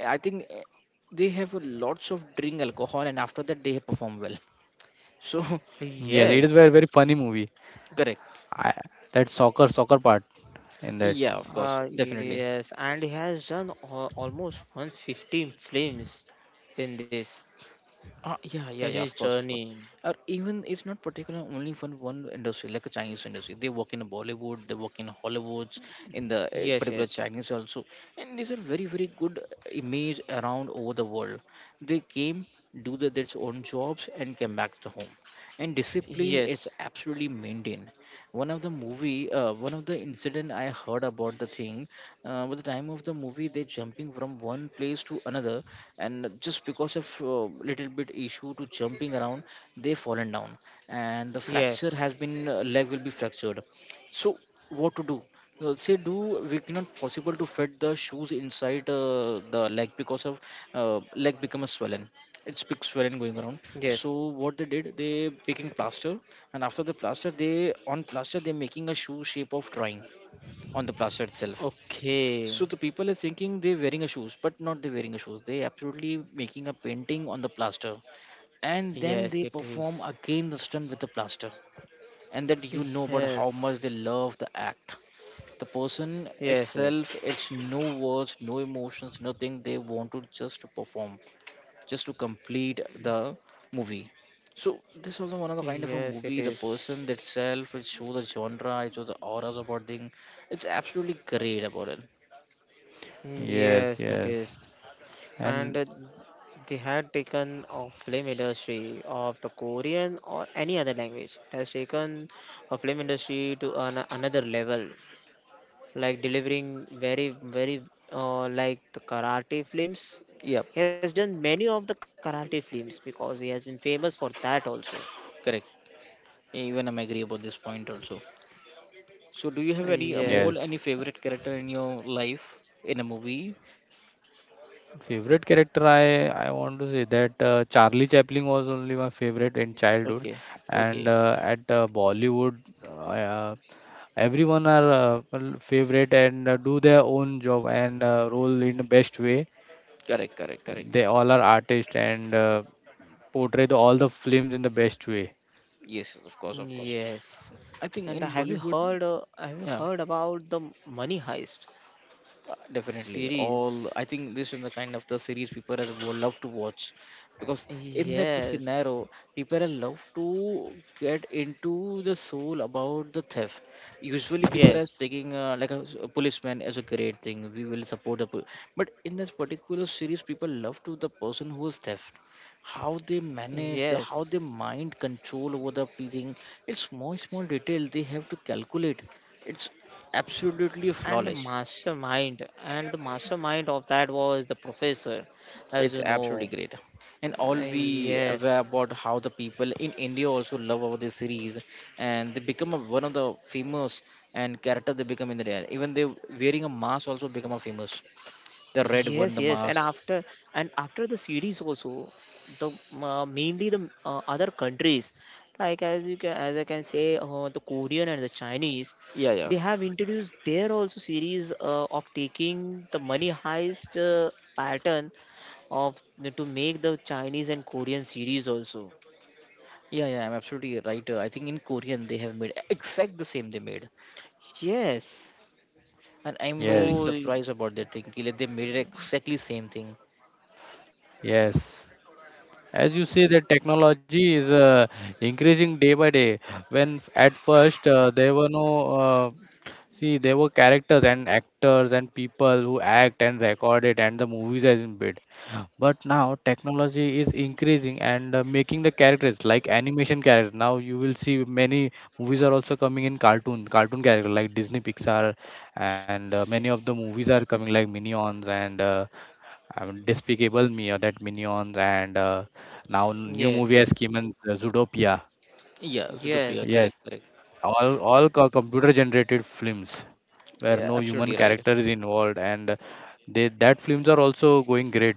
I think they have a lots of drink alcohol, and after that they perform well. So <laughs> yes, it is yes, very, very funny movie. correct, I, that soccer part in that. yeah, of course, definitely. yes, and he has done almost 150 films in this Ah yeah, yeah, in yeah, his of course, of course. journey. Or even it's not particular only for one industry, like a Chinese industry. They work in Bollywood, they work in Hollywoods, in the Yes, particular yes, Chinese also. And these are very, very good image around over the world. They came, do the, their own jobs, and came back to home. And discipline is yes, absolutely maintained. One of the movie one of the incident I heard about the thing with the time of the movie they jumping from one place to another and just because of little bit issue to jumping around they fallen down and the fracture yes, has been leg will be fractured. So what to do. Say do we cannot possible to fit the shoes inside the leg because of uh, leg become a swollen, it's big swelling going around. yes. So what they did, they making plaster, and after the plaster, they on plaster they're making a shoe shape of drawing on the plaster itself. Okay. So the people are thinking they're wearing a shoes, but not they're wearing a shoes. They absolutely making a painting on the plaster, and then Yes, they it perform is. again the stunt with the plaster, and that you know about how much they Yes, love the act. The person yes, yes, itself, it's no words, no emotions, nothing. They want to just perform just to complete the movie. So this also one of the kind of a yes, it movie, the is. person itself, it show the genre, it show the auras about thing. It's absolutely great about it. Mm, Yes, yes, it yes, is. And and they had taken of film industry of the Korean or any other language has taken a film industry to another level, like delivering very, very like the karate films. Yep, He has done many of the karate films because he has been famous for that also. correct. Yeah, even I'm agree about this point also. So do you have any yes. Yes. Amol, any favorite character in your life in a movie? Favorite character, I want to say that Charlie Chaplin was only my favorite in childhood, Okay, and okay, at Bollywood, uh, everyone are well, favorite, and do their own job and role in the best way. correct, correct, correct. They all are artists and portray all the films in the best way. Yes, yes, of course, of course. Yes. I think And in Bollywood, have you yeah, heard about the Money Heist definitely all series? I think this is the kind of the series people as would love to watch because in that Yes. scenario people are love to get into the soul about the theft. Usually people are Yes. taking like a, a policeman as a great thing we will support the but in this particular series people love to the person who is theft, how they manage the, Yes. how they mind control over the thing, it's small small detail they have to calculate, it's absolutely flawless. And the mastermind of that was the professor, as you It's absolutely know. great, and all we aware Yes. about how the people in india also love about this series and they become a, one of the famous and character they become in the day, even they wearing a mask also become a famous, the red Yes, one the yes, and mask. After the series also, the mainly the other countries, like as I can say, the Korean and the Chinese, Yeah, yeah. they have introduced their also series of taking the Money Heist pattern of to make the Chinese and Korean series also. Yeah, yeah, I'm absolutely right. I think in korean they have made exact the same they made, Yes, and I'm really so Yes, surprised about that thing like they made it exactly same thing. yes. As you say, that technology is increasing day by day. When at first there were no, see, there were characters and actors and people who act and record it, and the movies has been made. But now technology is increasing and making the characters like animation characters. Now you will see many movies are also coming in cartoon, cartoon character like Disney, Pixar, and many of the movies are coming like Minions and. Despicable Me or that Minions, and now new yes, movie has came in Zootopia. Yeah, Zootopia, Yes, yes, correct correct. all computer generated films where Yeah, no human absolutely right. character is involved, and they that films are also going great.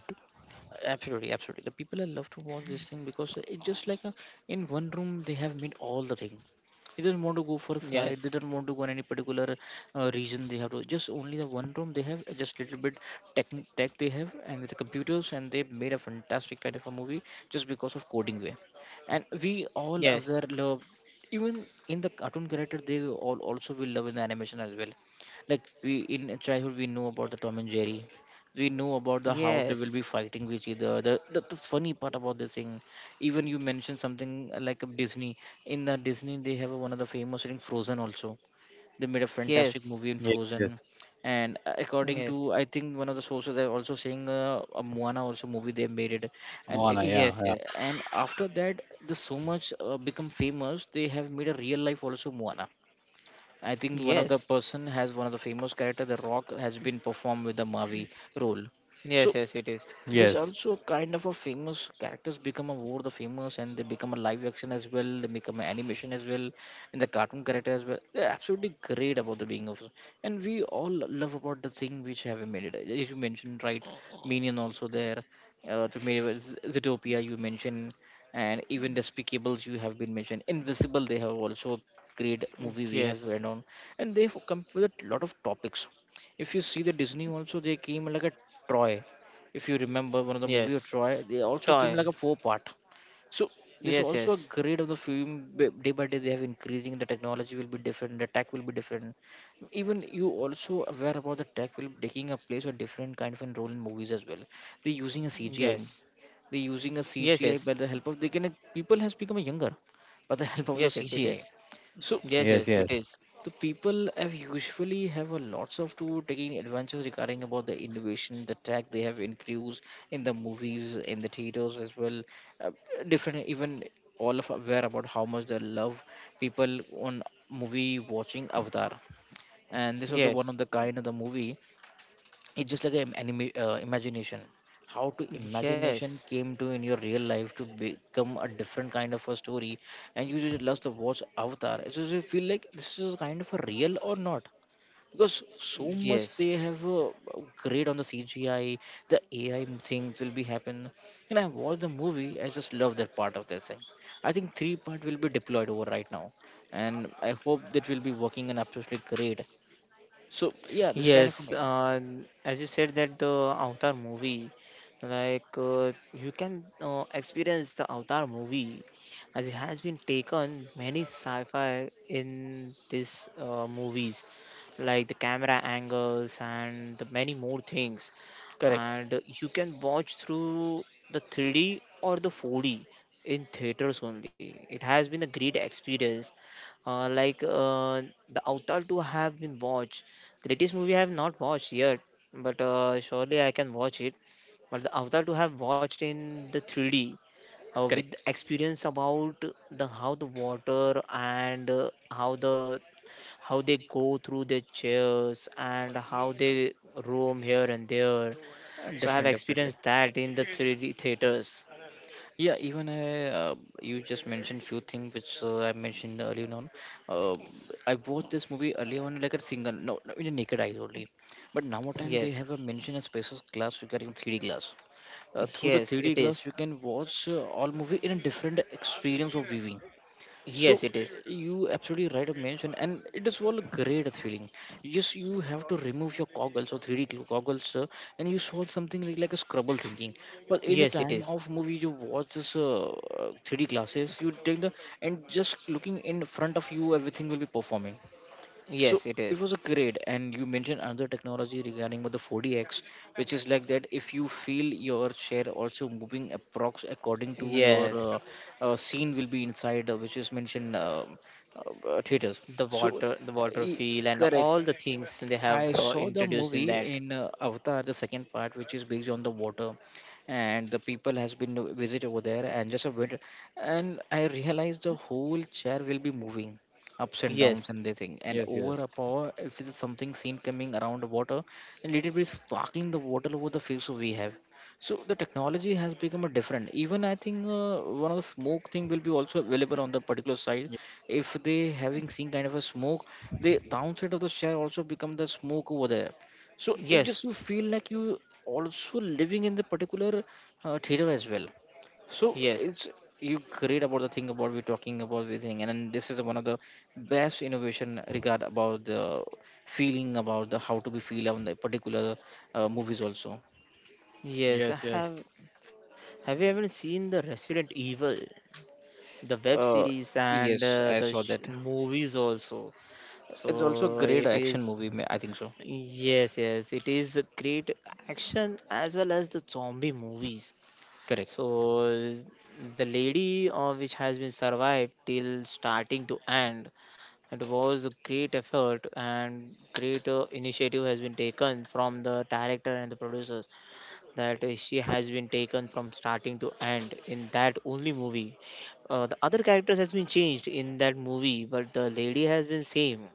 Absolutely, absolutely. The people I love to watch this thing because it's just like a, in one room they have made all the thing. They don't want to go for a side. They yes, don't want to go on any particular region. They have to just only the one room. They have just little bit tech tech they have and with the computers and they made a fantastic kind of a movie just because of coding way. And we all yes, aware love even in the cartoon character they all also will love in the animation as well. Like we in childhood we know about the Tom and Jerry, we know yes, about the how they will be yes, fighting with each other, the funny part about this thing. Even you mentioned something like a disney, in the disney they have one of the famous in frozen also, they made a fantastic yes. movie in Yes, yes, frozen. And according to Yes, I think one of the sources they're also saying a moana also movie they made it, and it, Moana, yeah, yes, yeah, yes. and after that the so much become famous they have made a real life also moana. I think one of the Yes. person has one of the famous character, The Rock, has been performed with the Mavi role. Yes, So yes, it is. this yes, also kind of a famous characters become a more the famous and they become a live action as well. They become an animation as well, and the cartoon character as well. They're absolutely great about the being of, and we all love about the thing which have made it. As you mentioned, right, Minion also there, to me, Zootopia you mentioned, and even Despicables you have been mentioned. Invisible they have also great Mm, movie we have yes. read on, and they have come with a lot of topics. If you see the Disney also, they came like a Troy, if you remember one of the movie of Yes. Troy, they also came Toy. like a four part. So this Yes, also a yes. grade of the film day by day they have increasing the technology will be different, the tech will be different. Even you also aware about the tech will taking a place or different kind of a role in movies as well. They're using a CGI. Yes. They're using a Yes, CGI yes. by the help of they can people has become younger by the <laughs> help of the Yes, yes, it CGI. is. So Yes, yes, yes, it yes, is. the people have usually have a lots of to taking adventures regarding about the innovation, the tech they have increased in the movies, in the theaters as well. Uh, Different, even all of aware about how much they love people on movie watching Avatar, and this was the one of Yes. the kind of the movie. It's just like an anime imagination, how to imagination Yes. came to in your real life to become a different kind of a story. And you just love to watch Avatar. It's just you feel like this is kind of a real or not, because so much Yes. they have great on the CGI, the AI things will be happen. And I watch the movie, I just love that part of that thing. I think three-part will be deployed over right now, and I hope that will be working and absolutely great. So yeah, this kind of Yes, as you said that the Avatar movie, like you can experience the Avatar movie, as it has been taken many sci-fi in these movies, like the camera angles and the many more things, correct, and you can watch through the 3D or the 4D in theaters only. It has been a great experience uh, like uh, the Avatar 2 have been watched. Latest movie I have not watched yet, but surely I can watch it. But the Avatar 2 I have watched in the 3D with correct. experience about the how the water and how the how they go through their chairs and how they roam here and there. So I have Definitely, definitely. experienced that in the 3D theaters. Yeah, even I, you just mentioned few things which I mentioned earlier on. Uh, I watched this movie earlier on like a single, no, no, in a naked eyes only. But now what time they Yes, have a mention a special glass regarding 3D glass. Through the yes, it 3D is. glass, you can watch all movie in a different experience of viewing. So Yes, it is. you absolutely right of mention, and it is all a great feeling. You just you have to remove your goggles or goggles, and you saw something like a scrabble thinking. But in the Yes, it time is. of movie you watch this 3D glasses you take the and just looking in front of you everything will be performing. So Yes, it it is. was a great, and you mentioned another technology regarding with the 4DX, which is like that if you feel your chair also moving approx according to your Yes. Scene will be inside, which is mentioned theaters. The So water, the uh, water e- feel and correct, all the things they have I saw the introduced in movie that. in Avatar, the second part, which is based on the water, and the people has been to visit over there and just a bit, and I realized the whole chair will be moving ups and downs Yes, and everything, and yes, over a yes. power if it is something seen coming around the water, and little bit sparkling the water over the fields we have. So the technology has become a different. Even I think one of the smoke thing will be also available on the particular side, Ye- if they having seen kind of a smoke, the downside of the share also become the smoke over there. So it yes, just you feel like you also living in the particular theater as well. So yes, it's you great about the thing about we're talking about the thing, and then this is one of the best innovation regard about the feeling about the how to be feel on the particular movies also. yes, I Yes, yes. have. Have you ever seen the Resident Evil, the web uh, series and yes, I saw that. movies also? It's also a So great it action is. movie I think so. Yes, yes, it is a great action as well as the zombie movies. Correct. So the lady which has been survived till starting to end. It was a great effort and great initiative has been taken from the director and the producers, that she has been taken from starting to end in that only movie. The other characters has been changed in that movie, but the lady has been same.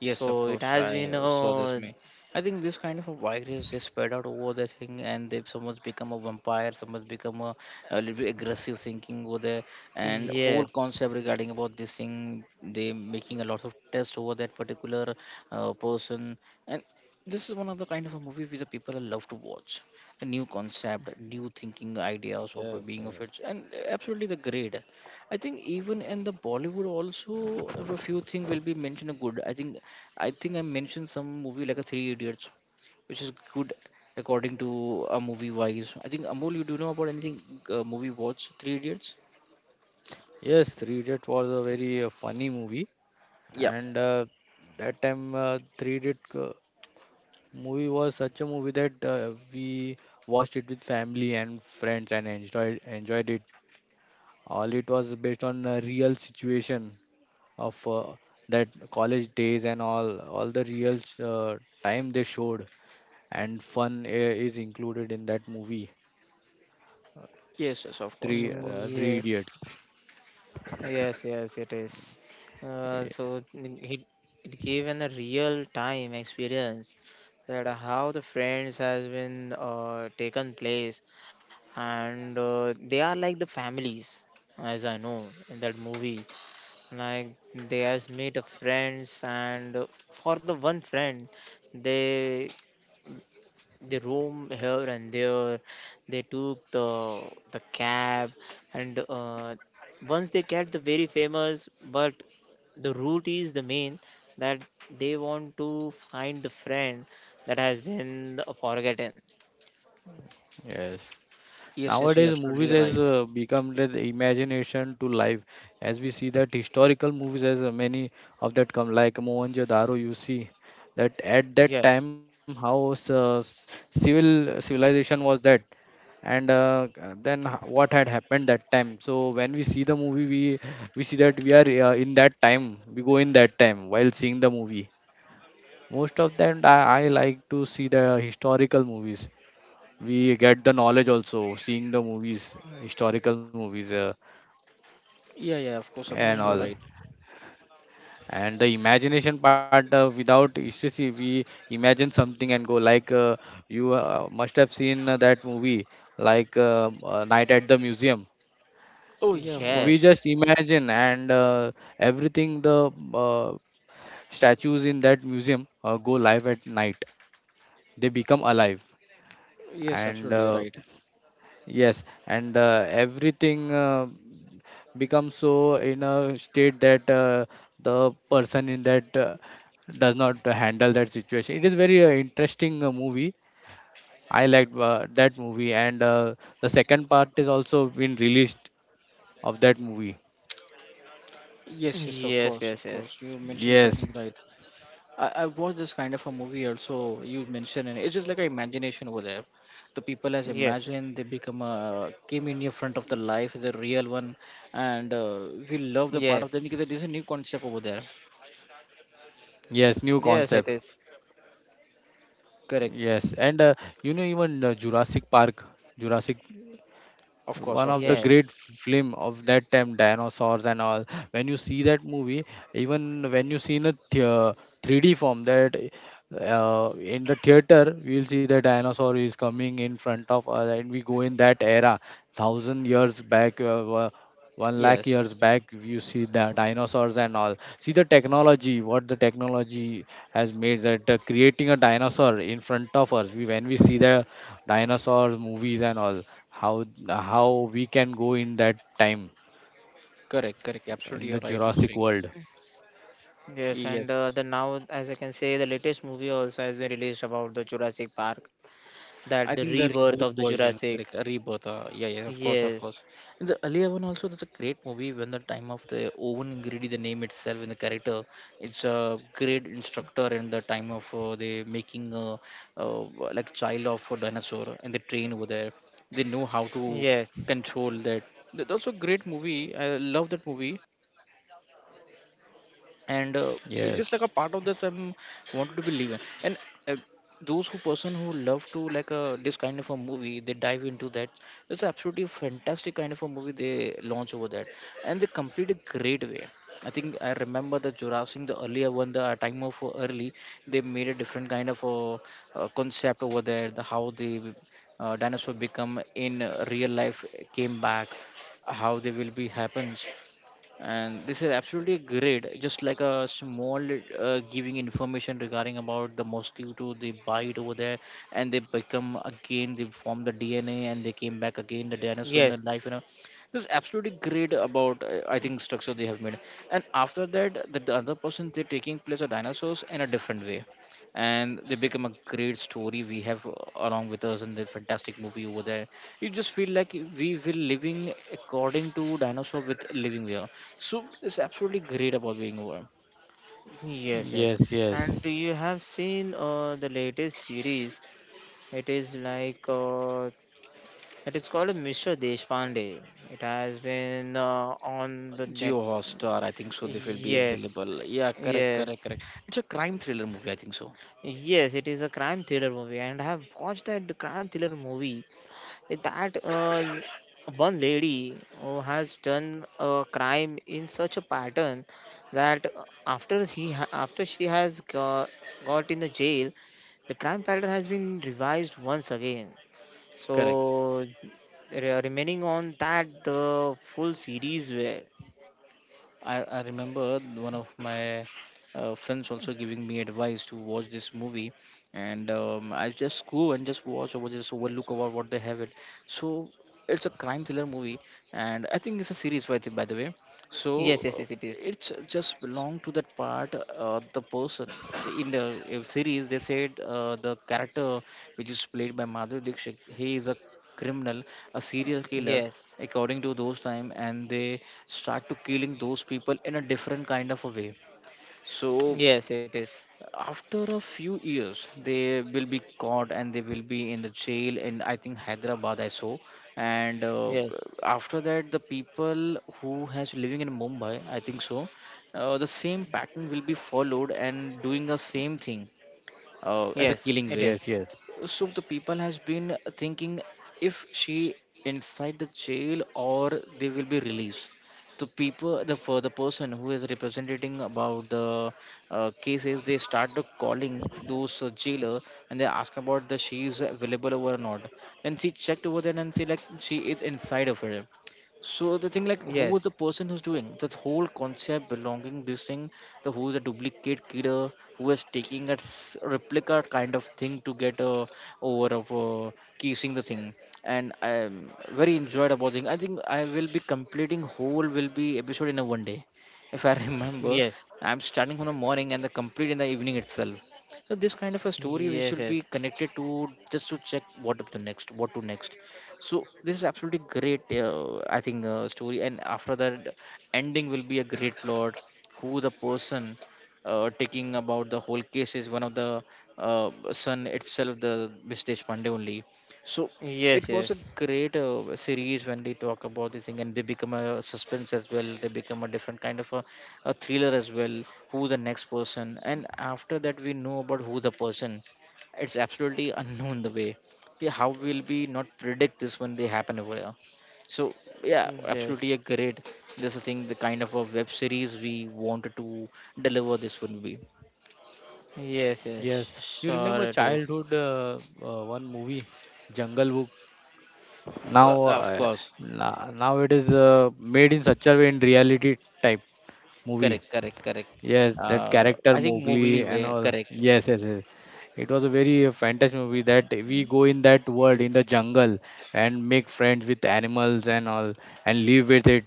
Yes, of So it course. has I been saw this. Me, I think this kind of a virus is spread out over the thing, and they someone's become a vampire, someone's become a little bit aggressive thinking over there, and whole yes, concept regarding about this thing. They making a lot of tests over that particular person, and this is one of the kind of a movie which the people love to watch. The new concept, new thinking ideas Yes, of being yes. of it, and absolutely the grade. I think even in the Bollywood also, if a few things will be mentioned are good. I think I mentioned some movie like a Three Idiots, which is good according to a movie wise. I think Amol, you do know about anything movie watch Three Idiots? Yes, Three Idiot was a very funny movie, Yeah. and that time Three Idiot. Movie was such a movie that we watched it with family and friends and enjoyed it. All it was based on a real situation of that college days and all the real uh, time they showed, and fun is included in that movie. Yes, yes, of course, of mm, course. Three yes. Idiots. Yes, yes, it is. Ye- So he it given a real time experience that how the friends has been taken place, and they are like the families, as I know in that movie. Like they has made a friends, and for the one friend, they they roam here and there, they took the cab, and once they get the very famous but the route is the main, that they want to find the friend that has been forgotten. Yes. Yes, yes, you're Nowadays, movies absolutely has right. Become the imagination to life, as we see that historical movies has many of that come like Mohenjo-daro. You see that at that Yes, time how civilization was that, and then what had happened that time. So when we see the movie, we see that we are in that time. We go in that time while seeing the movie. Most of them, I like to see the historical movies. We get the knowledge also seeing the movies, historical movies Yeah, yeah, and of mm, course, all. you're right. And the imagination part without you we imagine something and go like , uh, you must have seen that movie like Night at the Museum. Oh yeah, of We course. yes, just imagine, and everything, the statues in that museum go live at night, they become alive. Yes, And absolutely, you're right. yes, and everything become so in a state that the person in that does not handle that situation. It is very interesting movie. I liked that movie, and the second part is also been released of that movie. Yes, yes, of yes, course, yes, of yes, course. You mentioned Yes, something right. I watched this kind of a movie also you mentioned, and it's just like an imagination over there. The people has yes, imagined they become a came in your front of the life is a real one, and we love the yes, part of that because there's a new concept over there. yes, new yes, it concept. is. Correct. Yes, and you know, even Jurassic Park, Jurassic. Of One course, of of the course. great Yes. film of that time, dinosaurs and all. When you see that movie, even when you see in a 3D form, that in the theater we'll see the dinosaur is coming in front of us, and we go in that era 1,000 years back, one lakh Yes. years back You see the dinosaurs and all, see the technology, what the technology has made that creating a dinosaur in front of us, when we see the dinosaur movies and all, how we can go in that time, Correct, correct. Absolutely in you're the right, you're Jurassic saying. world. Yes, Yes. and the now, as I can say, the latest movie also has been released about the Jurassic Park. I That the think the rebirth reboot of the version, Jurassic. correct? A rebirth. Yeah, yeah, of Yes, course, of course. And the earlier one also, that's a great movie. When the time of the Owen Grady, the name itself and the character, it's a great instructor in the time of the making uh, like child of a dinosaur and they train over there. They know how to yes, control that. That's also a great movie. I love that movie, and it's Yes, just like a part of that I'm wanted to be living. And uh, those who person who love to like this kind of a movie, they dive into that. That's absolutely fantastic kind of a movie they launch over that, and they complete a great way. I think I remember the Jurassic, the earlier one, the time of early, they made a different kind of a, concept over there. The how the dinosaur become in real life came back, how they will be happens, and this is absolutely great just like a small giving information regarding about the mosquito they bite over there, and they become again they form the DNA and they came back again the dinosaur in the yes, life, you know. This is absolutely great about I think structure they have made. And after that the other person they're taking place of dinosaurs in a different way, and they become a great story we have along with us in the fantastic movie over there. You just feel like we will living according to dinosaur with living here. So it's absolutely great about being over. yes, yes. yes, yes, And do you have seen the latest series? It is like that is called Mr. Deshpande. It has been on the net. Geo Hotstar, I think so, they will be Yes, available. Yeah, correct, correct, yes, correct. It's a crime thriller movie, I think so. yes. It is a crime thriller movie, and I have watched that crime thriller movie, that one lady who has done a crime in such a pattern, that after she has got in the jail, the crime pattern has been revised once again. Correct. So remaining on that the full series were. I remember one of my friends also giving me advice to watch this movie, and I just go and just watch over just overlook about what they have it. So it's a crime thriller movie, and I think it's a series by the way. Yes, So yes, yes, it is. it's just belong to that part. The person in the series they said the character which is played by Madhuri Dixit, he is a criminal, a serial killer Yes, according to those time, and they start to killing those people in a different kind of a way. So yes, it is. after a few years they will be caught, and they will be in the jail in I think Hyderabad I saw. And Yes, after that the people who has living in Mumbai I think so, the same pattern will be followed and doing the same thing, as a yes, killing it way. yes, is. yes, So the people has been thinking, if she inside the jail or they will be released, the people the for the person who is representing about the cases they start calling those jailer, and they ask about the she is available over or not. Then she checked over there, and she like she is inside of her. So the thing like who was Yes, the person who's doing that whole concept belonging this thing, the who's a duplicate killer who is taking a replica kind of thing to get over of kissing the thing, and I'm very enjoyed about thing. I think I will be completing whole will be episode in a one day, if I <laughs> remember. yes, I'm starting from the morning and the complete in the evening itself. So this kind of a story we yes, should be yes, connected to just to check what up to next, what to next. So this is absolutely great, I think, story. And after that, ending will be a great plot. Who the person taking about the whole case is one of the son itself, the Mr. Pandey only. So it was a yes, great series when they talk about the thing, and they become a suspense as well. They become a different kind of a thriller as well. Who the next person? And after that, we know about who the person. It's absolutely unknown the way. Yeah, how will we not predict this when they happen over here? So yeah, yes, yes. absolutely agreed. This is the thing, the kind of a web series we wanted to deliver this would be. Yes, yes, yes. You sure remember it is. childhood, one movie, Jungle Book. Now, Of uh, course, now it is made in such a way in reality type movie. correct, correct, correct. Yes, that character I think Mowgli Mowgli and way, all. correct, Yes, yes, yes. It was a very fantastic movie that we go in that world in the jungle and make friends with animals and all and live with it.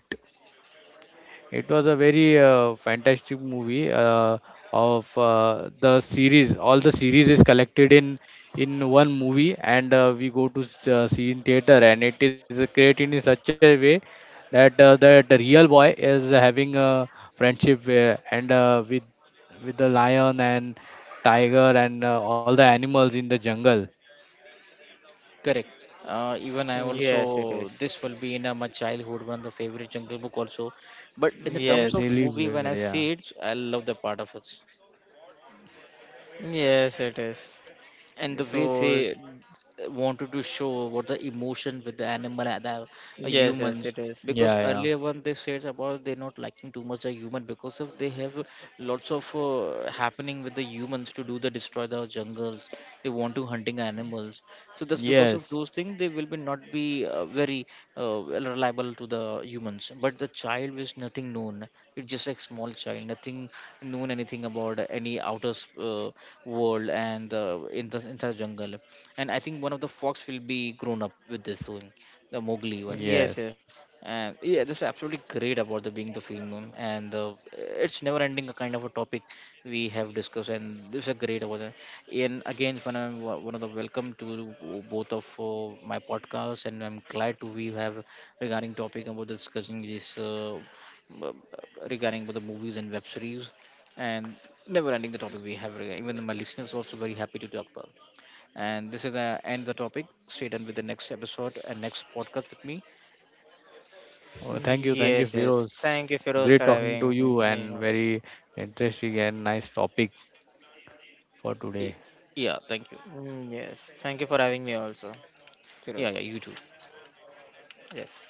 It was a very fantastic movie of the series. All the series is collected in one movie, and we go to see in theater. And it is created in such a way that the real boy is having a friendship and with the lion and tiger and all the animals in the jungle. correct. Even I Mm, yes, it also is. this will be in my childhood one of the favorite Jungle Book also, but in the terms Yes, Yes, he of lives movie with when it. I Yeah, see it, I love the part of it. yes, it is. And the way So, they wanted to show what the emotion with the animal and the yes, yes, humans, it is. because yeah, yeah. earlier one they said about they're not liking too much the human because of they have lots of happening with the humans to do the destroy the jungles, they want to hunting animals. So just because of Yes, those things they will be not be very uh, reliable to the humans, but the child is nothing known. It's just like small child nothing known anything about any outer world, and in the entire jungle, and I think one of the fox will be grown up with this thing, the Mowgli one. yes. Yes, yes, And yeah, this is absolutely great about the being the female, and it's never ending a kind of a topic we have discussed, and this is a great about that. And again, when I'm one of the welcome to both of my podcasts, and I'm glad to we have regarding topic about discussing this uh, regarding about the movies and web series, and never ending the topic we have. Even my listeners also very happy to talk about. And this is the end of the topic. Stay tuned with the next episode and next podcast with me. Oh, thank you, yes, yes. Firoz. Thank you, Firoz, Great for talking to having you, me and also. very interesting and nice topic for Y- today. Yeah, thank you. Mm, yes, thank you for having me also, Yeah, yeah, Firoz. you too. Yes.